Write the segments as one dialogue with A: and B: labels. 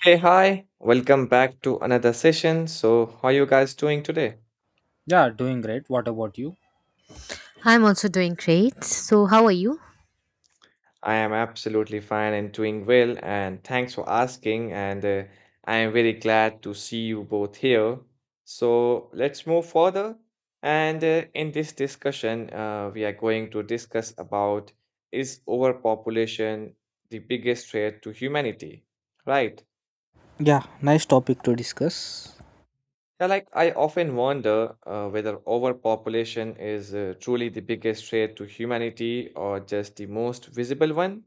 A: Hey, hi, welcome back to another session. So, how are you guys doing today?
B: Yeah, doing great. What about you?
C: I'm also doing great. So, how are you?
A: I am absolutely fine and doing well, and thanks for asking. And I am very glad to see you both here. So, let's move further. And in this discussion, we are going to discuss about is overpopulation the biggest threat to humanity, right?
B: Yeah, nice topic to discuss.
A: Yeah, like I often wonder whether overpopulation is truly the biggest threat to humanity or just the most visible one.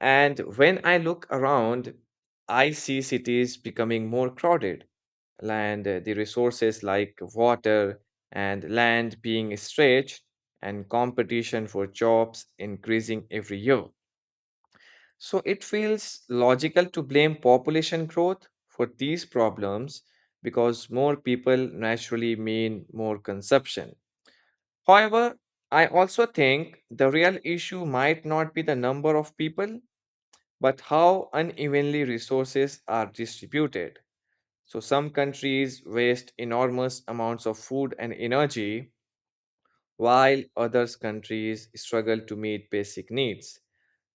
A: And when I look around, I see cities becoming more crowded, and the resources like water and land being stretched, and competition for jobs increasing every year. So it feels logical to blame population growth for these problems because more people naturally mean more consumption. However, I also think the real issue might not be the number of people, but how unevenly resources are distributed. So some countries waste enormous amounts of food and energy, while others countries struggle to meet basic needs.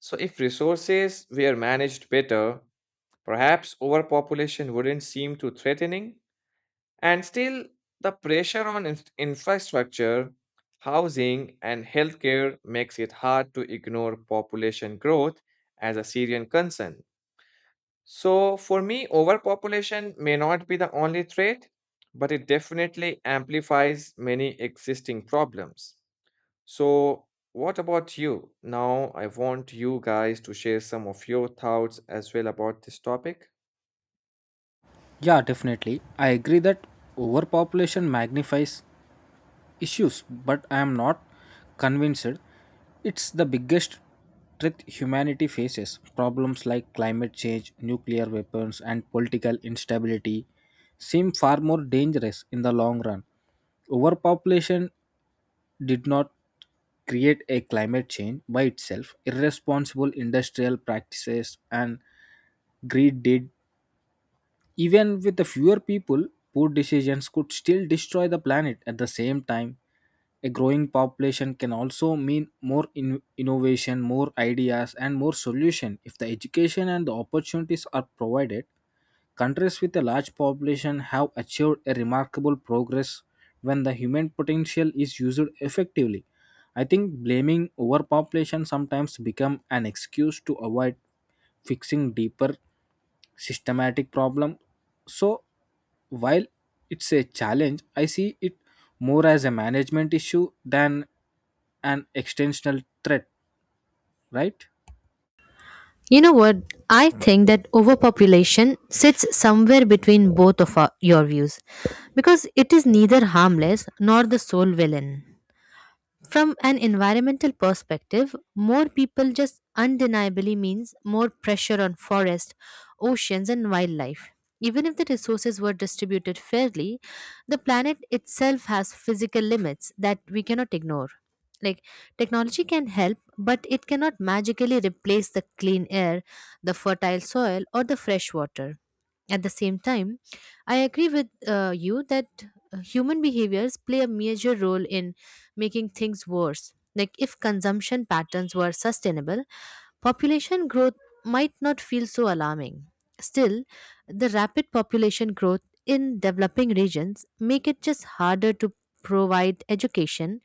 A: So if resources were managed better, perhaps overpopulation wouldn't seem too threatening, and still, the pressure on infrastructure, housing, and healthcare makes it hard to ignore population growth as a Syrian concern. So, for me, overpopulation may not be the only threat, but it definitely amplifies many existing problems. So, what about you? Now, I want you guys to share some of your thoughts as well about this topic.
B: Yeah, definitely. I agree that overpopulation magnifies issues, but I am not convinced it's the biggest threat humanity faces. Problems like climate change, nuclear weapons, and political instability seem far more dangerous in the long run. Overpopulation did not create a climate change by itself. Irresponsible industrial practices and greed did. Even with the fewer people, poor decisions could still destroy the planet at the same time. A growing population can also mean more innovation, more ideas, and more solution if the education and the opportunities are provided. Countries with a large population have achieved a remarkable progress when the human potential is used effectively. I think blaming overpopulation sometimes become an excuse to avoid fixing deeper systematic problem. So while it's a challenge, I see it more as a management issue than an extensional threat, right?
C: You know what? I think that overpopulation sits somewhere between your views, because it is neither harmless nor the sole villain. From an environmental perspective, more people just undeniably means more pressure on forest, oceans, and wildlife. Even if the resources were distributed fairly, the planet itself has physical limits that we cannot ignore. Like, technology can help, but it cannot magically replace the clean air, the fertile soil, or the fresh water. At the same time, I agree with you that human behaviors play a major role in making things worse. Like, if consumption patterns were sustainable, population growth might not feel so alarming. Still, the rapid population growth in developing regions make it just harder to provide education,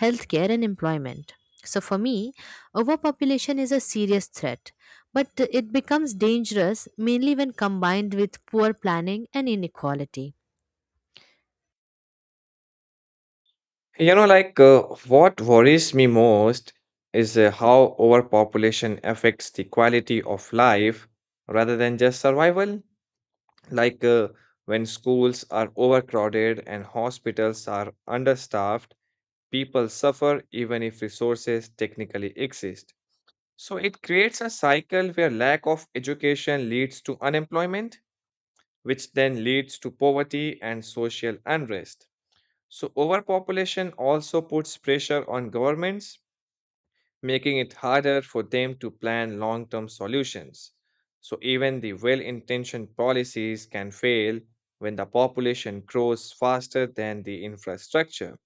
C: healthcare and employment. So for me, overpopulation is a serious threat, but it becomes dangerous mainly when combined with poor planning and inequality.
A: You know, like what worries me most is how overpopulation affects the quality of life rather than just survival. Like when schools are overcrowded and hospitals are understaffed, people suffer even if resources technically exist. So it creates a cycle where lack of education leads to unemployment, which then leads to poverty and social unrest. So, overpopulation also puts pressure on governments, making it harder for them to plan long term solutions. So, even the well intentioned policies can fail when the population grows faster than the infrastructure.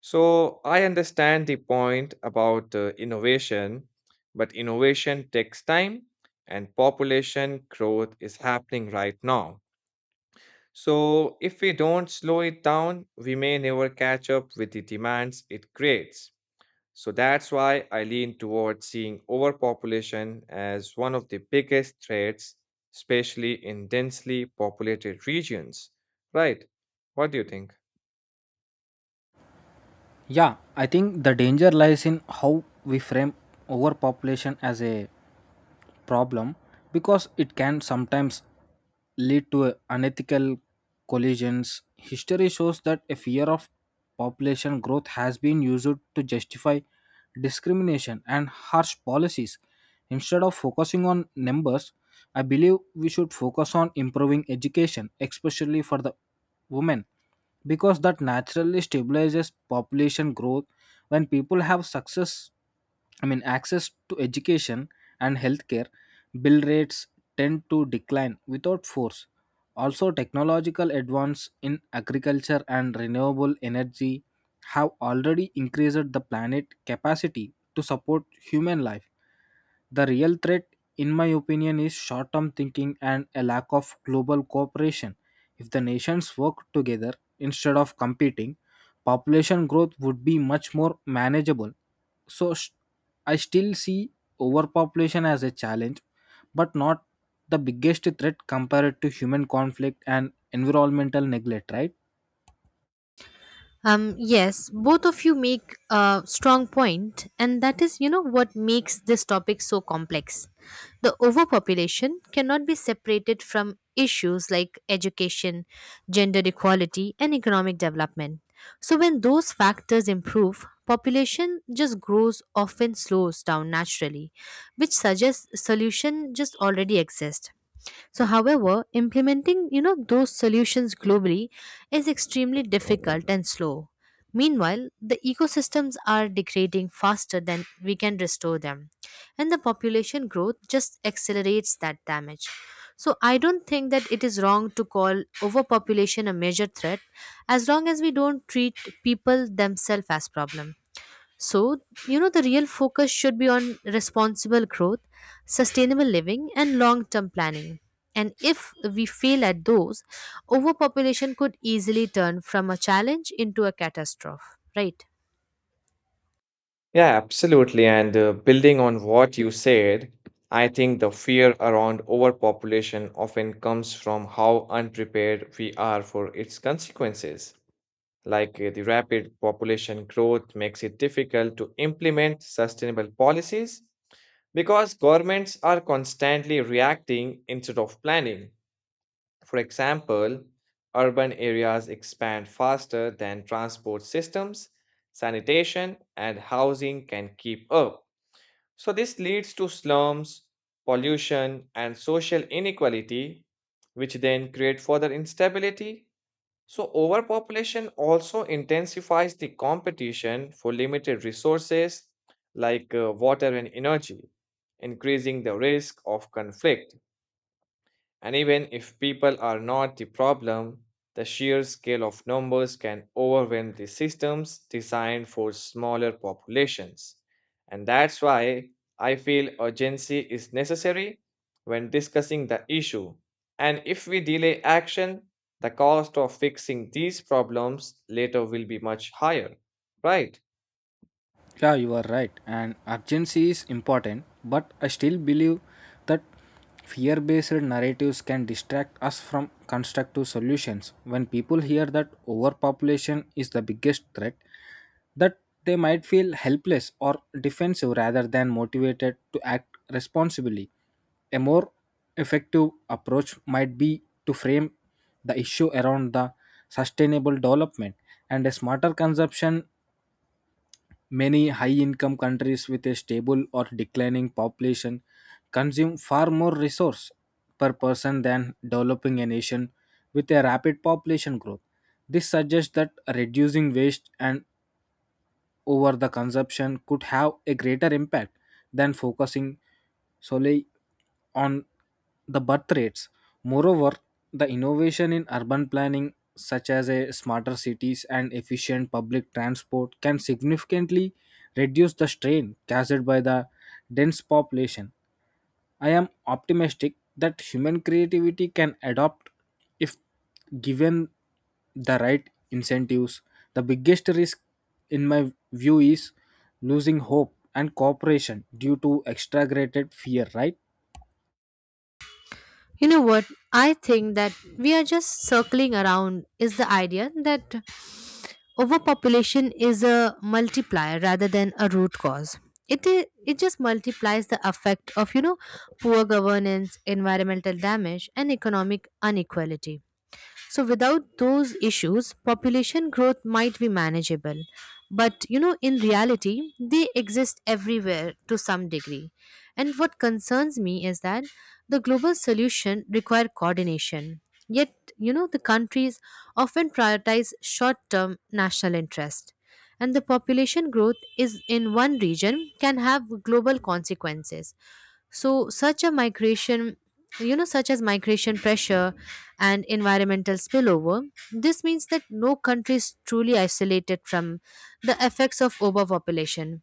A: So, I understand the point about innovation, but innovation takes time and population growth is happening right now. So, if we don't slow it down, we may never catch up with the demands it creates. So, that's why I lean towards seeing overpopulation as one of the biggest threats, especially in densely populated regions. Right? What do you think?
B: Yeah, I think the danger lies in how we frame overpopulation as a problem, because it can sometimes lead to unethical collisions. History shows that a fear of population growth has been used to justify discrimination and harsh policies. Instead of focusing on numbers, I believe we should focus on improving education, especially for the women, because that naturally stabilizes population growth when people have success, I mean access to education and healthcare, bill rates tend to decline without force. Also, technological advance in agriculture and renewable energy have already increased the planet capacity to support human life. The real threat, in my opinion, is short-term thinking and a lack of global cooperation. If the nations work together instead of competing, population growth would be much more manageable. So sh- I still see overpopulation as a challenge, but not the biggest threat compared to human conflict and environmental neglect, right?
C: Yes, both of you make a strong point, and that is, you know, what makes this topic so complex. The overpopulation cannot be separated from issues like education, gender equality, and economic development. So, when those factors improve, population just grows often slows down naturally, which suggests solution just already exist. So however, implementing, you know, those solutions globally is extremely difficult and slow. Meanwhile, the ecosystems are degrading faster than we can restore them, and the population growth just accelerates that damage. So I don't think that it is wrong to call overpopulation a major threat, as long as we don't treat people themselves as problem. So, you know, the real focus should be on responsible growth, sustainable living, and long term planning. And if we fail at those, overpopulation could easily turn from a challenge into a catastrophe, right?
A: Yeah, absolutely. And building on what you said, I think the fear around overpopulation often comes from how unprepared we are for its consequences. Like the rapid population growth makes it difficult to implement sustainable policies because governments are constantly reacting instead of planning. For example, urban areas expand faster than transport systems, sanitation, and housing can keep up. So, this leads to slums, pollution, and social inequality, which then create further instability. So, overpopulation also intensifies the competition for limited resources like water and energy, increasing the risk of conflict. And even if people are not the problem, the sheer scale of numbers can overwhelm the systems designed for smaller populations. And that's why I feel urgency is necessary when discussing the issue. And if we delay action, the cost of fixing these problems later will be much higher, right?
B: Yeah, you are right. And urgency is important, but I still believe that fear based narratives can distract us from constructive solutions. When people hear that overpopulation is the biggest threat, that they might feel helpless or defensive rather than motivated to act responsibly. A more effective approach might be to frame the issue around the sustainable development and a smarter consumption. Many high income countries with a stable or declining population consume far more resource per person than developing a nation with a rapid population growth. This suggests that reducing waste and over the consumption could have a greater impact than focusing solely on the birth rates. Moreover, the innovation in urban planning, such as a smarter cities and efficient public transport, can significantly reduce the strain caused by the dense population. I am optimistic that human creativity can adapt if given the right incentives. The biggest risk, in my view, is losing hope and cooperation due to exaggerated fear, right?
C: You know what? I think that we are just circling around is the idea that overpopulation is a multiplier rather than a root cause. It is it just multiplies the effect of, you know, poor governance, environmental damage, and economic inequality. So without those issues, population growth might be manageable. But you know, in reality, they exist everywhere to some degree. And what concerns me is that the global solution require coordination. Yet, you know, the countries often prioritize short-term national interest. And the population growth is in one region can have global consequences, so such a migration, you know, such as migration pressure and environmental spillover, this means that no country is truly isolated from the effects of overpopulation.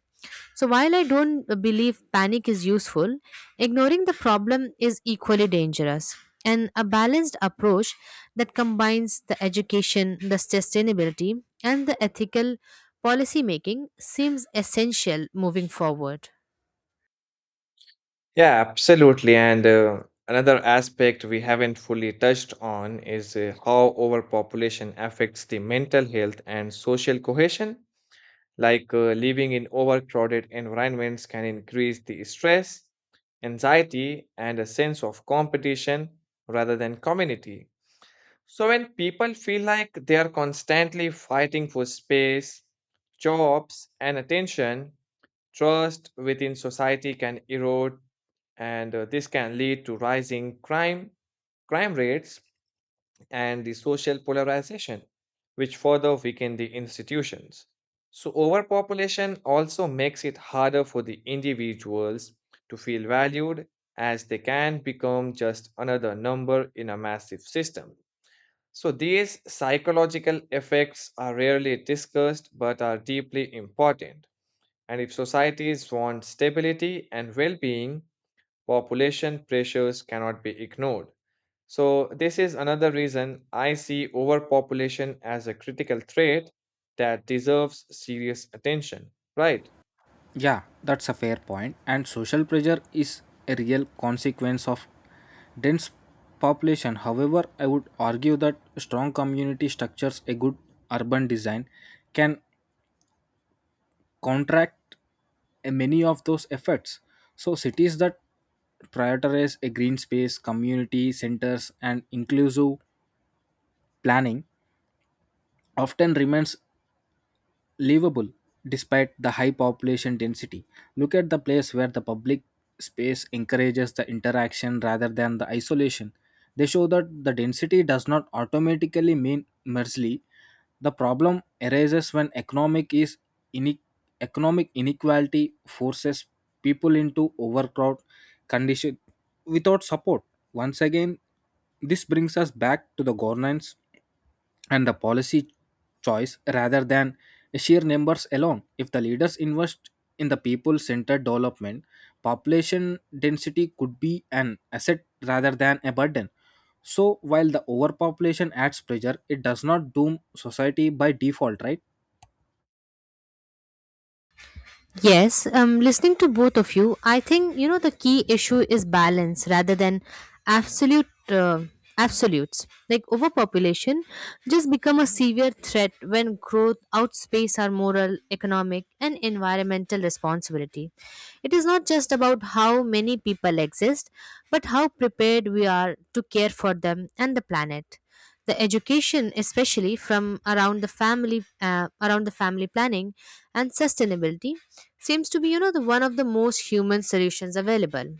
C: So while I don't believe panic is useful, ignoring the problem is equally dangerous. And a balanced approach that combines the education, the sustainability, and the ethical policy making seems essential moving forward.
A: Yeah, absolutely. And another aspect we haven't fully touched on is how overpopulation affects the mental health and social cohesion. Like living in overcrowded environments can increase the stress, anxiety, and a sense of competition rather than community. So, when people feel like they are constantly fighting for space, jobs, and attention, trust within society can erode, and this can lead to rising crime rates, and the social polarization, which further weaken the institutions. So, overpopulation also makes it harder for the individuals to feel valued as they can become just another number in a massive system. So, these psychological effects are rarely discussed but are deeply important. And if societies want stability and well being, population pressures cannot be ignored. So, this is another reason I see overpopulation as a critical threat that deserves serious attention. Right?
B: Yeah, that's a fair point. And social pressure is a real consequence of dense population. However, I would argue that strong community structures, a good urban design, can contract many of those efforts. So cities that prioritize a green space, community centers, and inclusive planning often remains livable despite the high population density. Look at the place where the public space encourages the interaction rather than the isolation. They show that the density does not automatically mean merely the problem arises when ine- economic inequality forces people into overcrowd condition without support. Once again, this brings us back to the governance and the policy choice rather than sheer numbers alone. If the leaders invest in the people centered development, population density could be an asset rather than a burden. So, while the overpopulation adds pressure, it does not doom society by default, right?
C: Yes, listening to both of you, I think you know the key issue is balance rather than absolute uh, absolutes. Like overpopulation just become a severe threat when growth outpaces our moral, economic, and environmental responsibility. It is not just about how many people exist, but how prepared we are to care for them and the planet. The education, especially from around the family planning and sustainability, seems to be, you know, the one of the most human solutions available.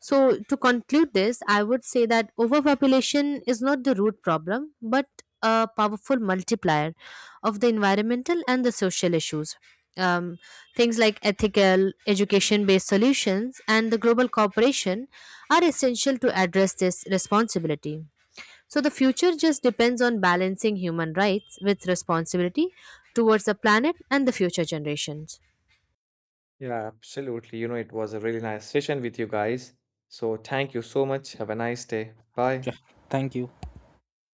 C: So to conclude this, I would say that overpopulation is not the root problem, but a powerful multiplier of the environmental and the social issues. um, Things like ethical education based solutions and the global cooperation are essential to address this responsibility. So the future just depends on balancing human rights with responsibility towards the planet and the future generations.
A: Yeah, absolutely. You know, it was a really nice session with you guys. So, thank you so much. Have a nice day. Bye.
B: Yeah, thank you.